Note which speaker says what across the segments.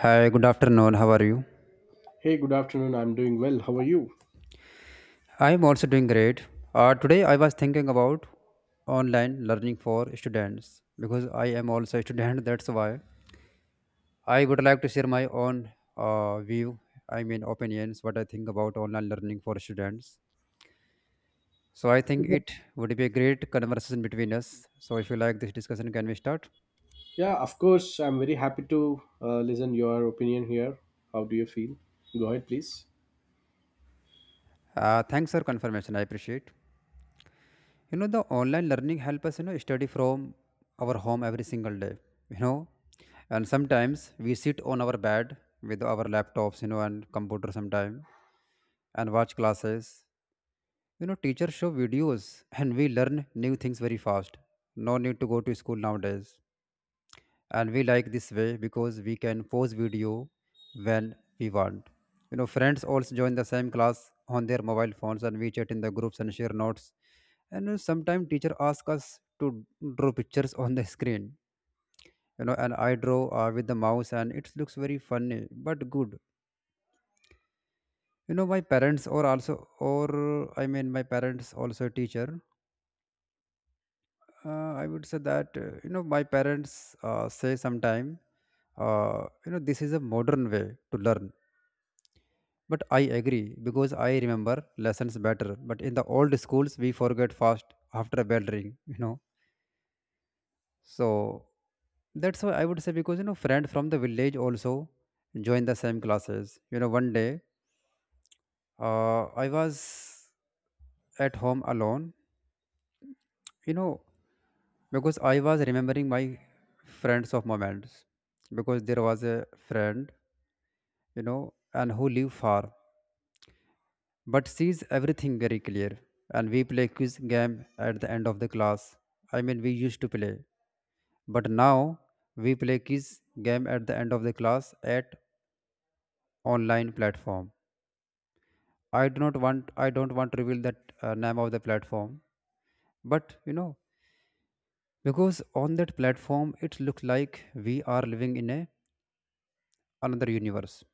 Speaker 1: Hi, good afternoon. How are you?
Speaker 2: Hey, good afternoon. I'm doing well. How are you?
Speaker 1: I'm also doing great. Today I was thinking about online learning for students because I am also a student. That's why I would like to share my own view. I mean opinions. What I think about online learning for students. So I think it would be a great conversation between us. So if you like this discussion, can we start?
Speaker 2: Yeah, of course. I'm very happy to listen your opinion here. How do you feel? Go ahead, please.
Speaker 1: Thanks for confirmation. I appreciate. The online learning help us, study from our home every single day. you know and sometimes we sit on our bed with our laptops, and computer sometime, and watch classes. Teachers show videos and we learn new things very fast. No need to go to school nowadays, and we like this way because we can pause video when we want. Friends also join the same class on their mobile phones, and we chat in the groups and share notes. And sometimes teacher ask us to draw pictures on the screen. And I draw with the mouse and it looks very funny, but good. My parents or also, or, I mean my parents also a teacher. I would say that, my parents say sometime, this is a modern way to learn. But I agree because I remember lessons better, but in the old schools we forget fast after a bell ring. So that's why I would say, because friend from the village also join the same classes. You know, one day I was at home alone. You know, because I was remembering my friends of moments, because there was a friend, and who live far, but sees everything very clear. And we play quiz game at the end of the class. I mean we used to play, but now we play quiz game at the end of the class at online platform. I don't want to reveal that name of the platform, but because on that platform it looks like we are living in a another universe,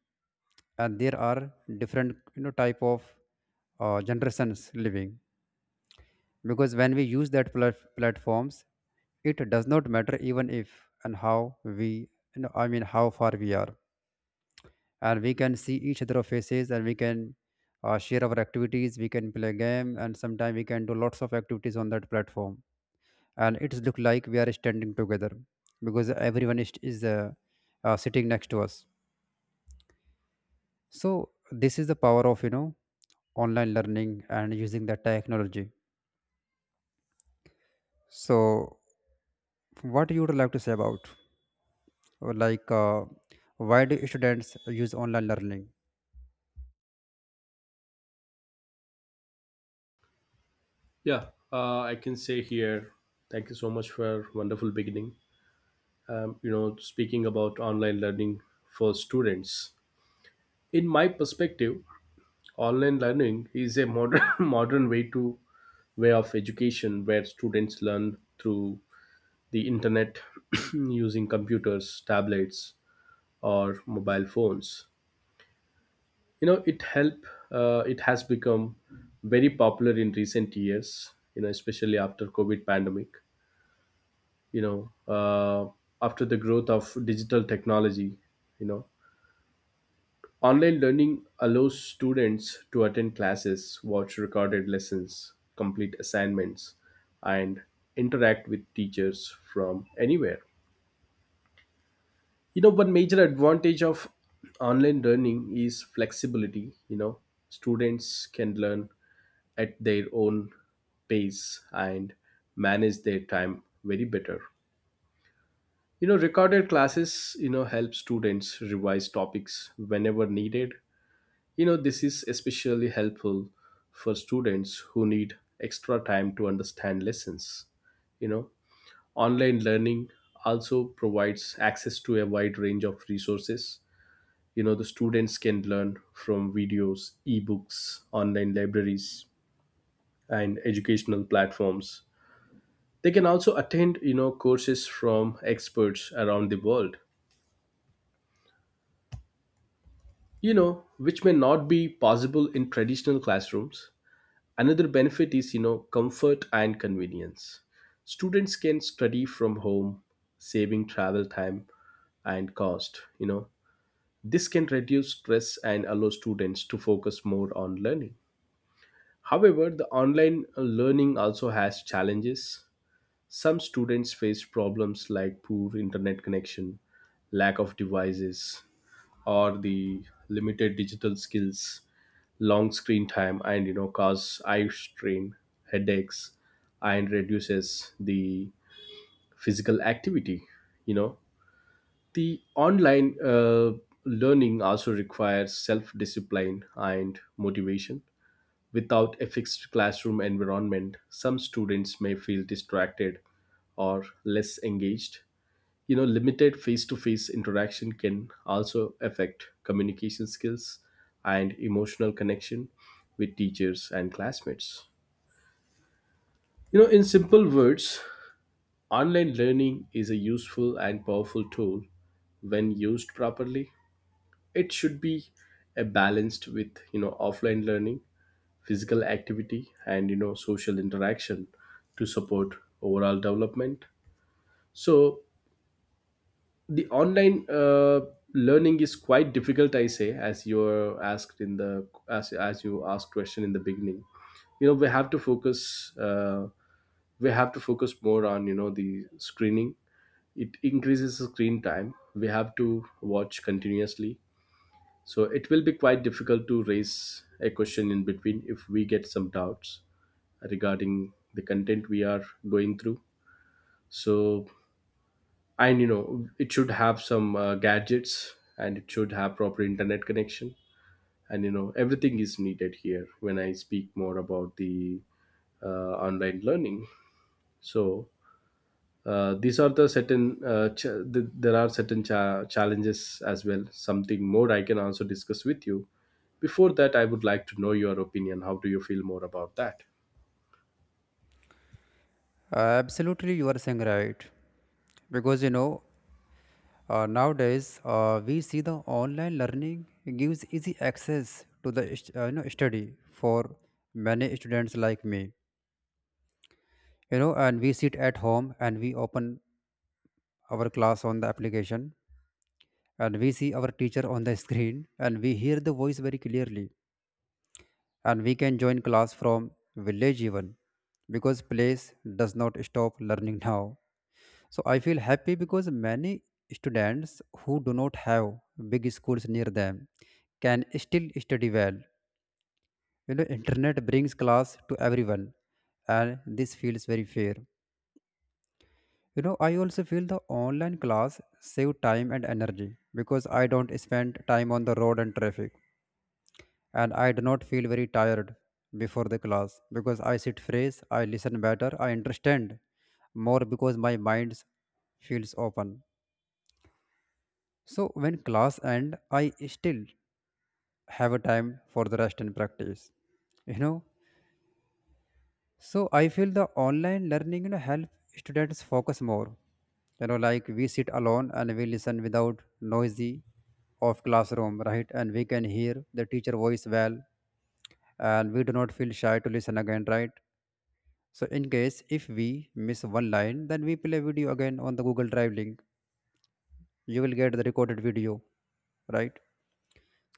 Speaker 1: and there are different, type of generations living. Because when we use that platforms, it does not matter even if, and how we, I mean how far we are, and we can see each other faces, and we can share our activities. We can play game, and sometimes we can do lots of activities on that platform, and it's look like we are standing together because everyone is sitting next to us. So this is the power of, online learning and using the technology. So what you would like to say about, or like, why do students use online learning?
Speaker 2: Yeah, I can say here. Thank you so much for wonderful beginning. Speaking about online learning for students. In my perspective, online learning is a modern modern way to way of education where students learn through the internet using computers, tablets, or mobile phones, it help, it has become very popular in recent years, especially after covid pandemic. you know uh, After the growth of digital technology, you know online learning allows students to attend classes, watch recorded lessons, complete assignments, and interact with teachers from anywhere. One major advantage of online learning is flexibility. you know Students can learn at their own pace and manage their time very better. Recorded classes, help students revise topics whenever needed. This is especially helpful for students who need extra time to understand lessons. you know Online learning also provides access to a wide range of resources. The students can learn from videos, ebooks, online libraries, and educational platforms. They can also attend, courses from experts around the world, you know which may not be possible in traditional classrooms. Another benefit is, comfort and convenience. Students can study from home, saving travel time and cost. This can reduce stress and allow students to focus more on learning. However, the online learning also has challenges. Some students face problems like poor internet connection, lack of devices, or the limited digital skills, long screen time, and, cause eye strain, headaches, and reduces the physical activity. You know, the online learning also requires self discipline and motivation. Without a fixed classroom environment, some students may feel distracted or less engaged. Limited face to face interaction can also affect communication skills and emotional connection with teachers and classmates. In simple words, online learning is a useful and powerful tool when used properly. It should be a balanced with, offline learning, physical activity, and social interaction to support overall development. So the online learning is quite difficult, I say, as you are asked in the as you asked question in the beginning. We have to focus, we have to focus more on, the screening. It increases the screen time. We have to watch continuously, so it will be quite difficult to raise a question in between if we get some doubts regarding the content we are going through. So, and it should have some gadgets, and it should have proper internet connection. And everything is needed here when I speak more about the uh, online learning. So, these are the certain there are certain challenges as well. Something more I can also discuss with you. Before that, I would like to know your opinion. How do you feel more about that?
Speaker 1: Absolutely, you are saying right, because you know. Nowadays, we see the online learning gives easy access to the study for many students like me. You know, and we sit at home, and we open our class on the application, and we see our teacher on the screen, and we hear the voice very clearly, and we can join class from village even, because place does not stop learning now. So I feel happy because many students who do not have big schools near them can still study well. You know, internet brings class to everyone, and this feels very fair. You know, I also feel the online class save time and energy because I don't spend time on the road and traffic, and I do not feel very tired before the class because I sit fresh, I listen better, I understand more because my mind feels open. So when class end, I still have a time for the rest and practice. You know, so I feel the online learning, help students focus more. You know, like we sit alone and we listen without noisy of classroom, right? And we can hear the teacher voice well, and we do not feel shy to listen again, right? So in case if we miss one line, then we play video again on the Google Drive link. You will get the recorded video, right?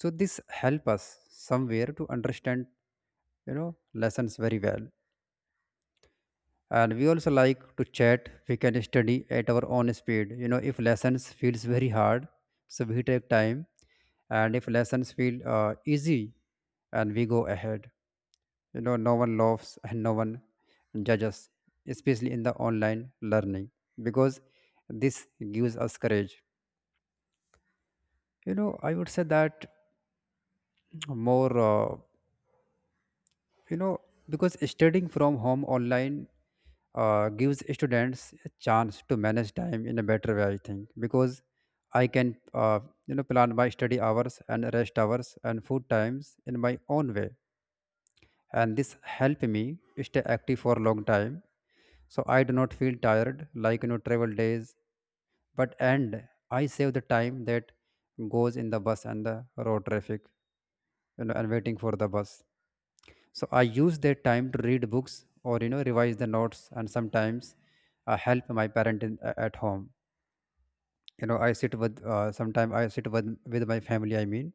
Speaker 1: So this help us somewhere to understand, lessons very well. And we also like to chat. We can study at our own speed. If lessons feels very hard, so we take time, and if lessons feel easy, and we go ahead. No one laughs and no one judges, especially in the online learning, because this gives us courage. I would say that, more you know, because studying from home online gives students a chance to manage time in a better way, I think, because I can, plan my study hours and rest hours and food times in my own way. And this help me stay active for a long time. So I do not feel tired like, you know, travel days, but and I save the time that goes in the bus and the road traffic, you know, and waiting for the bus. So I use that time to read books, or revise the notes, and sometimes I help my parent in, at home. I sit with with my family, I mean.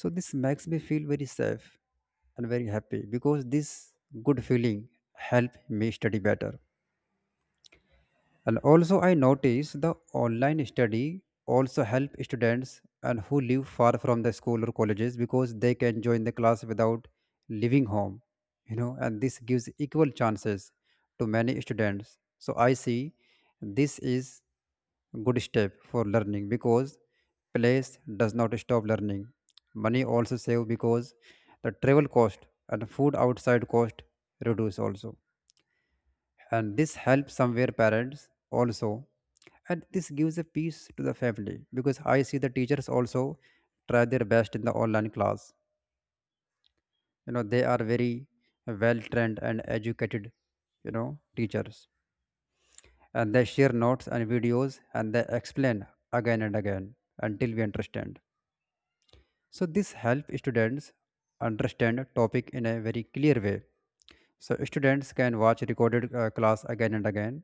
Speaker 1: So this makes me feel very safe and very happy, because this good feeling help me study better. And also I notice the online study also help students and who live far from the school or colleges, because they can join the class without leaving home, you know, and this gives equal chances to many students. So I see this is good step for learning, because place does not stop learning. Money also save, because the travel cost and food outside cost reduce also, and this helps somewhere parents also, and this gives a peace to the family. Because I see the teachers also try their best in the online class. They are very well trained and educated, teachers, and they share notes and videos, and they explain again and again until we understand. So this help students understand a topic in a very clear way. So students can watch recorded class again and again,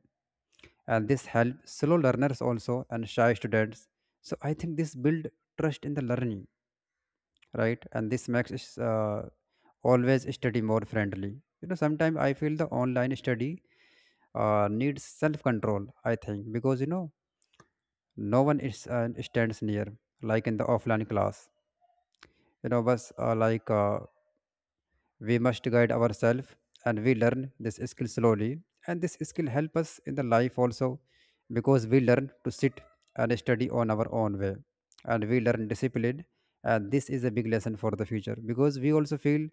Speaker 1: and this helps slow learners also and shy students. So I think this build trust in the learning, right? And this makes us, always study more friendly. Sometimes I feel the online study needs self control, I think, because no one is stands near, like in the offline class. Was we must guide ourselves, and we learn this skill slowly, and this skill help us in the life also, because we learn to sit and study on our own way, and we learn discipline. And this is a big lesson for the future, because we also feel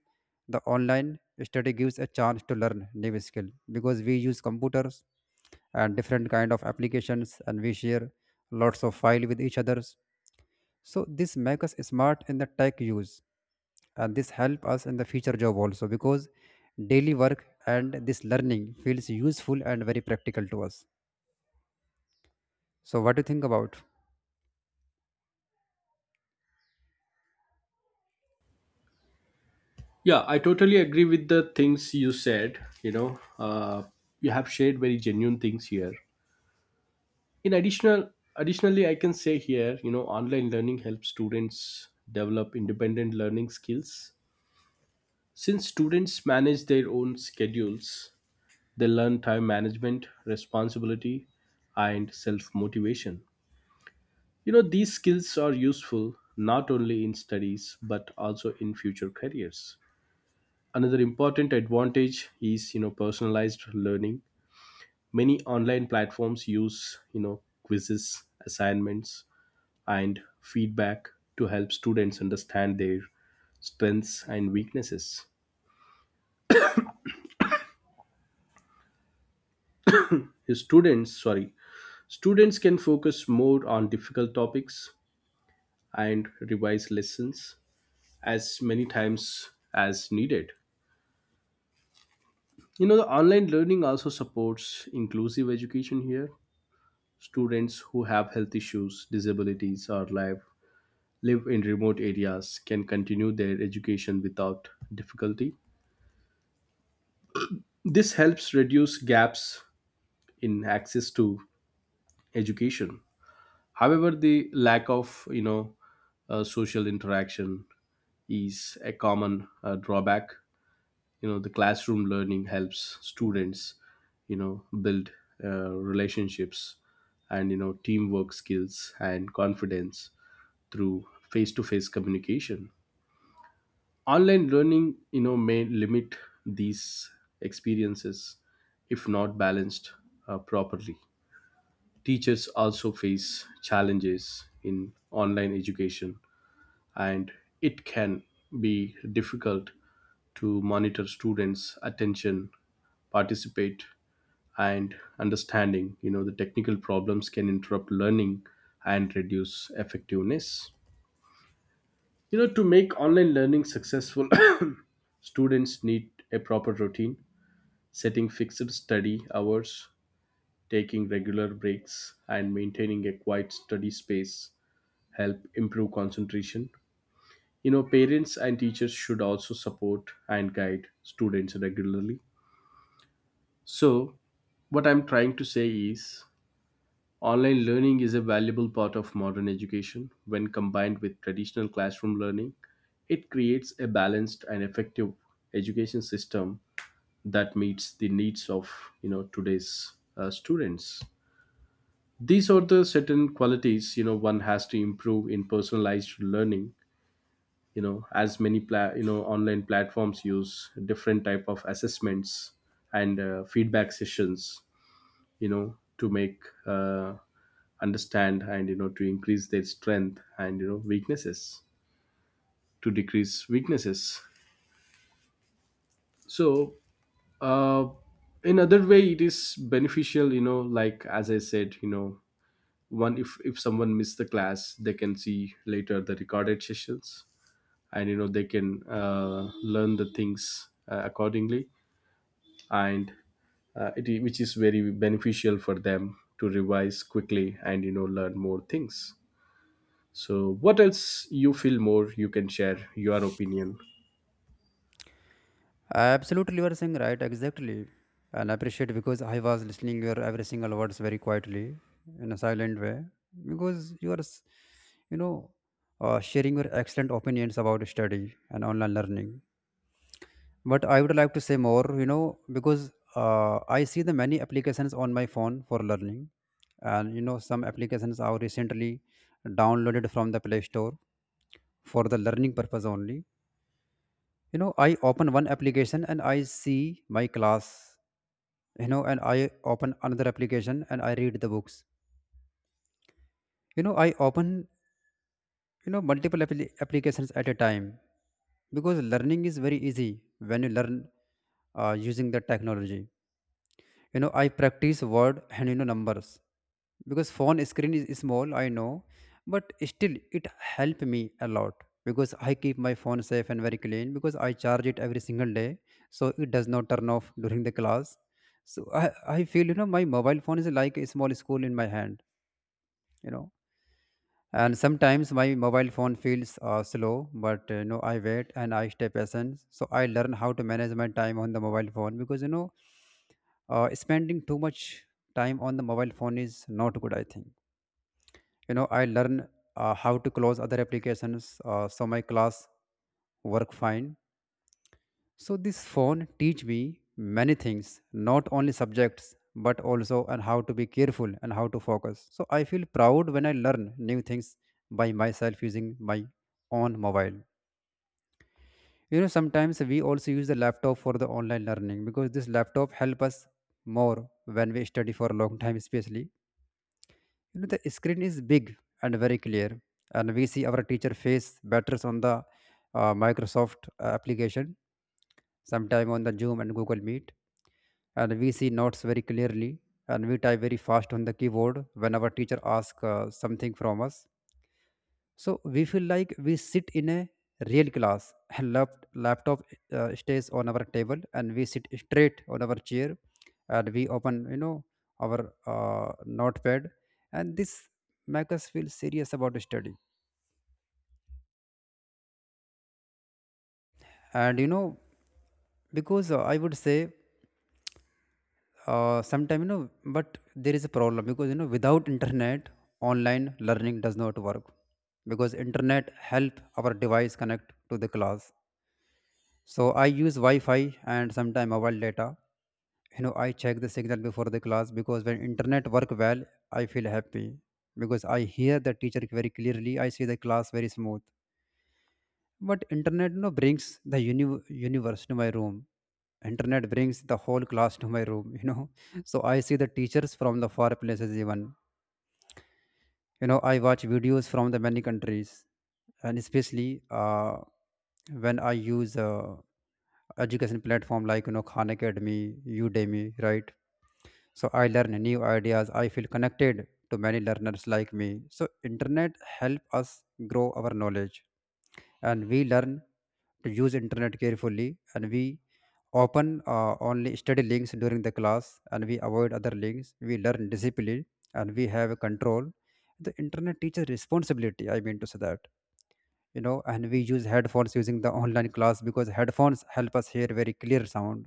Speaker 1: the online study gives a chance to learn new skill, because we use computers and different kind of applications, and we share lots of file with each others. So this make us smart in the tech use, and this help us in the future job also, because daily work and this learning feels useful and very practical to us. So what do you think about?
Speaker 2: Yeah, I totally agree with the things you said. You know, you have shared very genuine things here. In additional, additionally, I can say here, you know, online learning helps students develop independent learning skills. Since students manage their own schedules, they learn time management, responsibility, and self motivation. You know, these skills are useful not only in studies but also in future careers. Another important advantage is, you know, personalized learning. Many online platforms use, you know, quizzes, assignments, and feedback to help students understand their strengths and weaknesses. Students, sorry, students can focus more on difficult topics and revise lessons as many times as needed. You know, the online learning also supports inclusive education here. Students who have health issues, disabilities, or live in remote areas can continue their education without difficulty. This helps reduce gaps in access to education. However, the lack of, social interaction is a common drawback. The classroom learning helps students, build relationships and, teamwork skills and confidence through face-to-face communication. Online learning, may limit these experiences if not balanced properly. Teachers also face challenges in online education, and it can be difficult to monitor students attention, participate, and understanding. The technical problems can interrupt learning and reduce effectiveness. To make online learning successful, students need a proper routine. Setting fixed study hours, taking regular breaks, and maintaining a quiet study space help improve concentration. You know, parents and teachers should also support and guide students regularly. So, what I'm trying to say is, online learning is a valuable part of modern education. When combined with traditional classroom learning, it creates a balanced and effective education system that meets the needs of, you know, today's students. These are the certain qualities, you know, one has to improve in personalized learning. You know, online platforms use different type of assessments and feedback sessions, to make understand, and to increase their strength and, weaknesses, to decrease weaknesses. So, uh, in other way it is beneficial, you know, like as I said, you know, one, if someone missed the class, they can see later the recorded sessions. And you know, they can learn the things accordingly. And it, which is very beneficial for them to revise quickly and, you know, learn more things. So what else you feel more, you can share your opinion.
Speaker 1: Absolutely, you are saying right, exactly, and I appreciate because I was listening your every single words very quietly in a silent way because you are, s- you know, sharing your excellent opinions about study and online learning. But I would like to say more, you know, because I see the many applications on my phone for learning. And you know some applications are recently downloaded from the play store for the learning purpose only. You know, I open one application and I see my class. You know, and I open another application and I read the books. You know, I open, you know, multiple applications at a time because learning is very easy when you learn using the technology. You know, I practice word and, you know, numbers. Because phone screen is small, I know, but still it helped me a lot because I keep my phone safe and very clean because I charge it every single day, so it does not turn off during the class. so i, I feel, you know, my mobile phone is like a small school in my hand, you know. And sometimes my mobile phone feels slow, but you know, I wait and I stay patient, so I learn how to manage my time on the mobile phone. Because, you know, spending too much time on the mobile phone is not good, I think. You know, I learn how to close other applications, so my class work fine. So this phone teach me many things, not only subjects, but also and how to be careful and how to focus. So I feel proud when I learn new things by myself using my own mobile. You know, sometimes we also use the laptop for the online learning because this laptop help us more when we study for a long time especially. You know, the screen is big and very clear, and we see our teacher face batters on the Microsoft application, sometime on the Zoom and Google Meet, and we see notes very clearly, and we type very fast on the keyboard when our teacher asks something from us. So we feel like we sit in a real class, and laptop stays on our table, and we sit straight on our chair, and we open, you know, our notepad, and this make us feel serious about study. And, you know, because I would say sometime, you know, but there is a problem because, you know, without internet, online learning does not work because internet help our device connect to the class. So I use Wi-Fi and sometime mobile data. You know, I check the signal before the class because when internet work well, I feel happy because I hear the teacher very clearly. I see the class very smooth. But internet, you know, brings the universe to my room. Internet brings the whole class to my room. You know, so I see the teachers from the far places even. You know, I watch videos from the many countries, and especially uh, when I use education platform like, you know, Khan Academy, Udemy, right? So I learn new ideas, I feel connected to many learners like me. So internet help us grow our knowledge, and we learn to use internet carefully, and we open only study links during the class, and we avoid other links. We learn discipline and we have control. The internet teaches responsibility, I mean to say that, you know. And we use headphones using the online class because headphones help us hear very clear sound,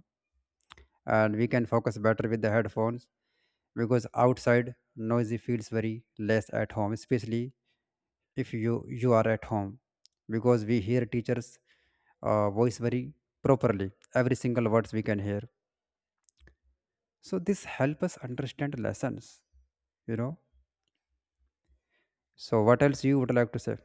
Speaker 1: and we can focus better with the headphones because outside noisy feels very less at home especially if you are at home, because we hear teachers voice very properly. Every single words we can hear. So this help us understand lessons, you know. So what else you would like to say?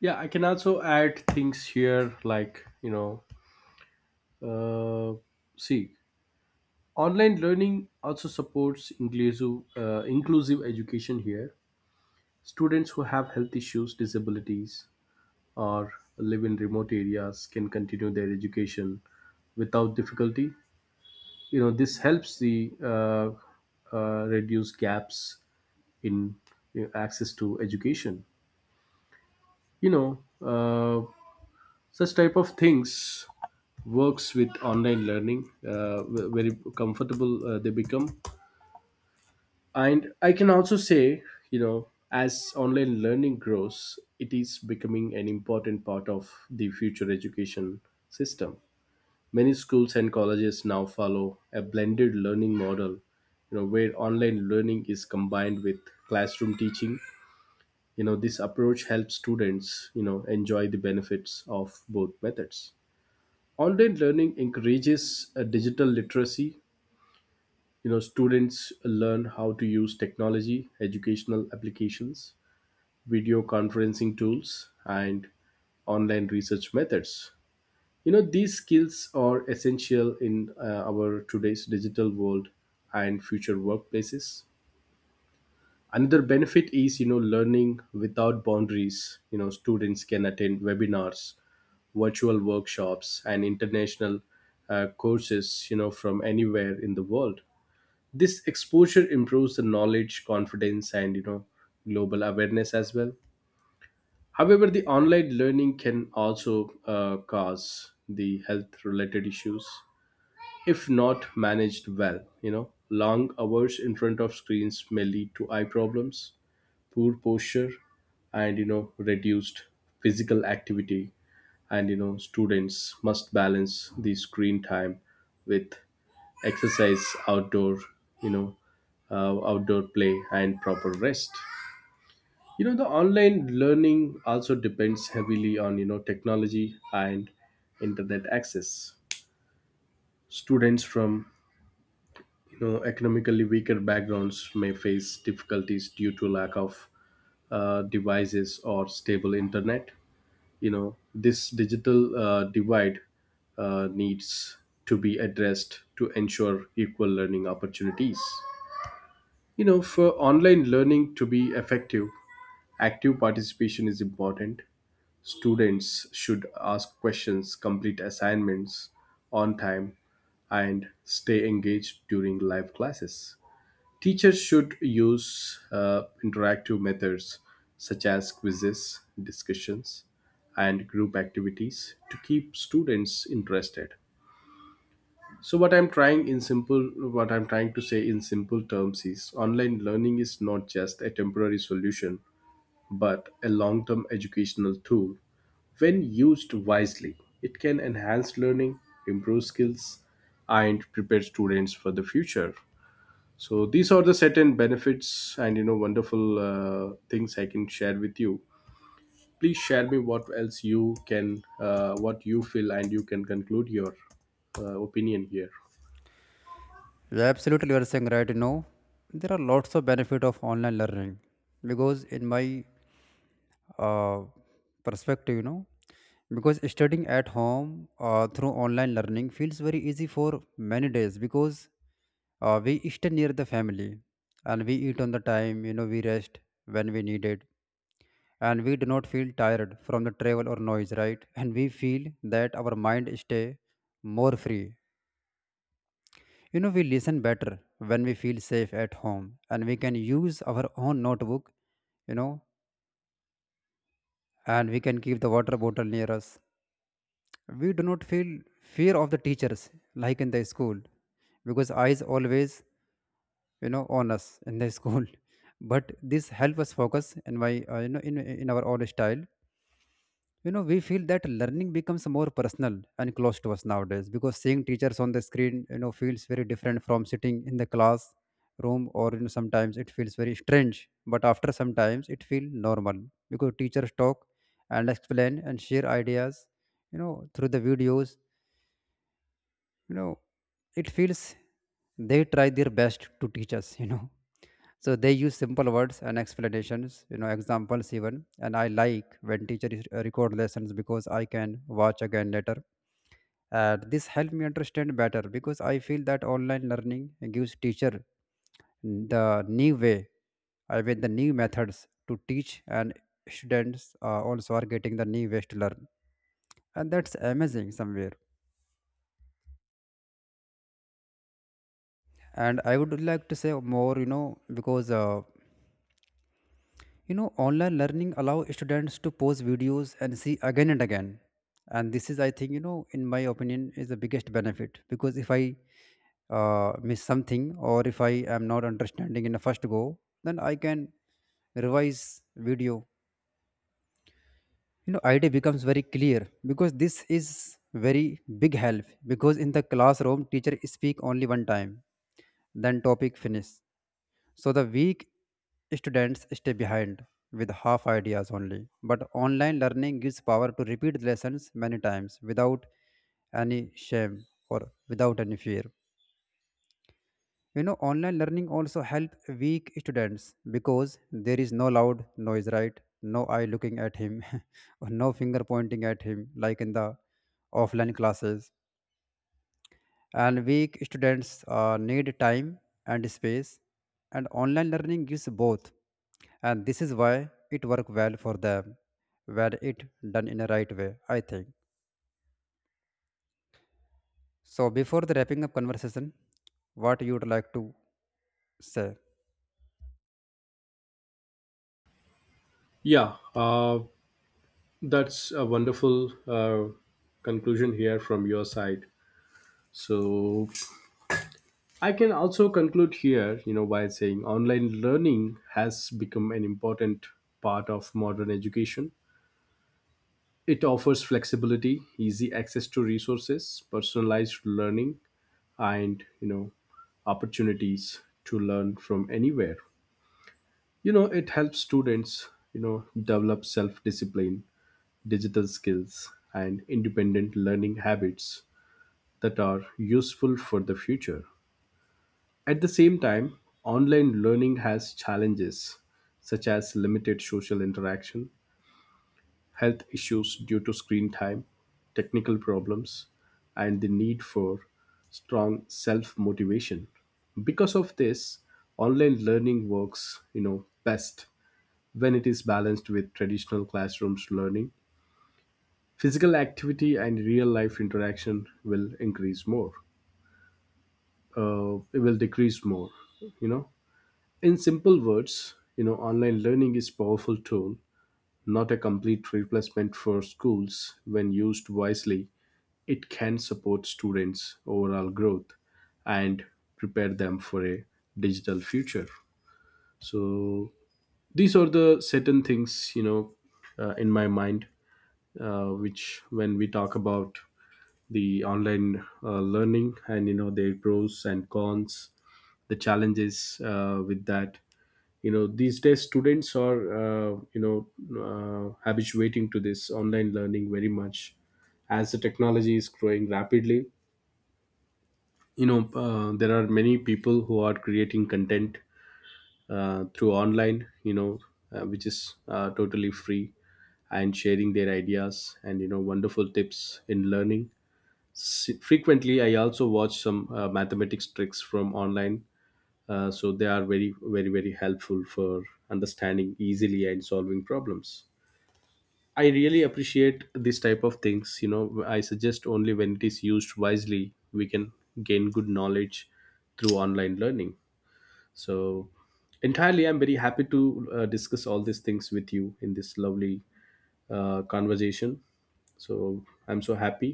Speaker 2: Yeah, I can also add things here, like, you know, uh, see, online learning also supports inclusive education here. Students who have health issues, disabilities, or live in remote areas can continue their education without difficulty. You know, this helps the, reduce gaps in, you know, access to education. you know uh, Such type of things works with online learning, very comfortable they become. And I can also say, you know, as online learning grows, it is becoming an important part of the future education system. Many schools and colleges now follow a blended learning model, you know, where online learning is combined with classroom teaching. You know, this approach helps students, you know, enjoy the benefits of both methods. Online learning encourages digital literacy. You know, students learn how to use technology, educational applications, video conferencing tools, and online research methods. You know, these skills are essential in, our today's digital world and future workplaces. Another benefit is, you know, learning without boundaries. You know, students can attend webinars, virtual workshops, and international courses, you know, from anywhere in the world. This exposure improves the knowledge, confidence, and, you know, global awareness as well. However, the online learning can also cause the health related issues if not managed well. You know, long hours in front of screens may lead to eye problems, poor posture, and, you know, reduced physical activity. And you know, students must balance the screen time with exercise, outdoor, you know, outdoor play, and proper rest. You know, the online learning also depends heavily on, technology and internet access. Students from, economically weaker backgrounds may face difficulties due to lack of devices or stable internet. You know, this digital divide needs to be addressed to ensure equal learning opportunities. You know, for online learning to be effective, active participation is important. Students should ask questions, complete assignments on time, and stay engaged during live classes. Teachers should use interactive methods such as quizzes, discussions, and group activities to keep students interested. So, what I'm trying to say in simple terms is, online learning is not just a temporary solution, but a long term educational tool. When used wisely, it can enhance learning, improve skills, and prepare students for the future. So these are the certain benefits and, you know, wonderful things I can share with you. Please share me what else you can, what you feel, and you can conclude your opinion here.
Speaker 1: Yeah, absolutely, you are saying right. You know, there are lots of benefit of online learning because in my uh, perspective, you know, because studying at home through online learning feels very easy for many days because we stay near the family and we eat on the time. You know, we rest when we need it, and we do not feel tired from the travel or noise, right? And we feel that our mind stay more free. You know, we listen better when we feel safe at home, and we can use our own notebook, you know, and we can keep the water bottle near us. We do not feel fear of the teachers like in the school because eyes always, you know, on us in the school. But this help us focus in my, in our own style. You know, we feel that learning becomes more personal and close to us nowadays because seeing teachers on the screen, you know, feels very different from sitting in the class room. Or you know sometimes it feels very strange, but after sometimes it feels normal because teachers talk and explain and share ideas, you know, through the videos. You know, it feels they try their best to teach us, you know. So they use simple words and explanations, you know, examples even. And I like when teachers record lessons because I can watch again later. And this helped me understand better because I feel that online learning gives teacher the new way, I mean the new methods to teach, and students also are getting the new ways to learn, and that's amazing somewhere. And I would like to say more, you know, because online learning allows students to pause videos and see again and again. And this is, I think, you know, in my opinion, is the biggest benefit because if I miss something, or if I am not understanding in the first go, then I can revise video. You know, idea becomes very clear because this is very big help. Because in the classroom, teacher speak only one time, then topic finish. So the weak students stay behind with half ideas only. But online learning gives power to repeat lessons many times without any shame or without any fear. You know, online learning also help weak students because there is no loud noise, right? No eye looking at him, or no finger pointing at him like in the offline classes. And weak students need time and space, and online learning gives both, and this is why it work well for them when it done in a right way, I think. So before the wrapping up conversation, what you would like to say?
Speaker 2: Yeah, that's a wonderful conclusion here from your side. So I can also conclude here, you know, by saying online learning has become an important part of modern education. It offers flexibility, easy access to resources, personalized learning, and, opportunities to learn from anywhere. You know, it helps students, develop self-discipline, digital skills, and independent learning habits that are useful for the future. At the same time, online learning has challenges such as limited social interaction, health issues due to screen time, technical problems, and the need for strong self motivation. Because of this, online learning works, you know, best when it is balanced with traditional classrooms learning. Physical activity and real life interaction will increase more. It will decrease more. You know, in simple words, you know, online learning is powerful tool. Not a complete replacement for schools, when used wisely, it can support students' overall growth and prepare them for a digital future. So these are the certain things, you know, in my mind, which when we talk about the online learning and, you know, their pros and cons, the challenges with that, you know, these days students are, habituating to this online learning very much as the technology is growing rapidly. You know, there are many people who are creating content through online, you know, which is, totally free, and sharing their ideas and, you know, wonderful tips in learning. Frequently I also watch some mathematics tricks from online, so they are very, very, very helpful for understanding easily and solving problems. I really appreciate this type of things. You know, I suggest, only when it is used wisely we can gain good knowledge through online learning. So entirely I'm very happy to discuss all these things with you in this lovely conversation. So I'm so happy.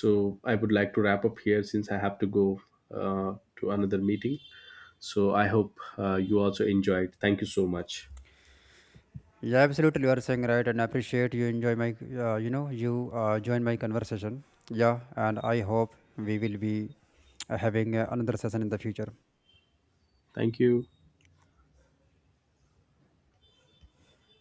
Speaker 2: So I would like to wrap up here since I have to go to another meeting. So I hope you also enjoyed. Thank you so much.
Speaker 1: Yeah, absolutely, you are saying right, and I appreciate you enjoy my, you join my conversation. Yeah, and I hope we will be having another session in the future.
Speaker 2: Thank you.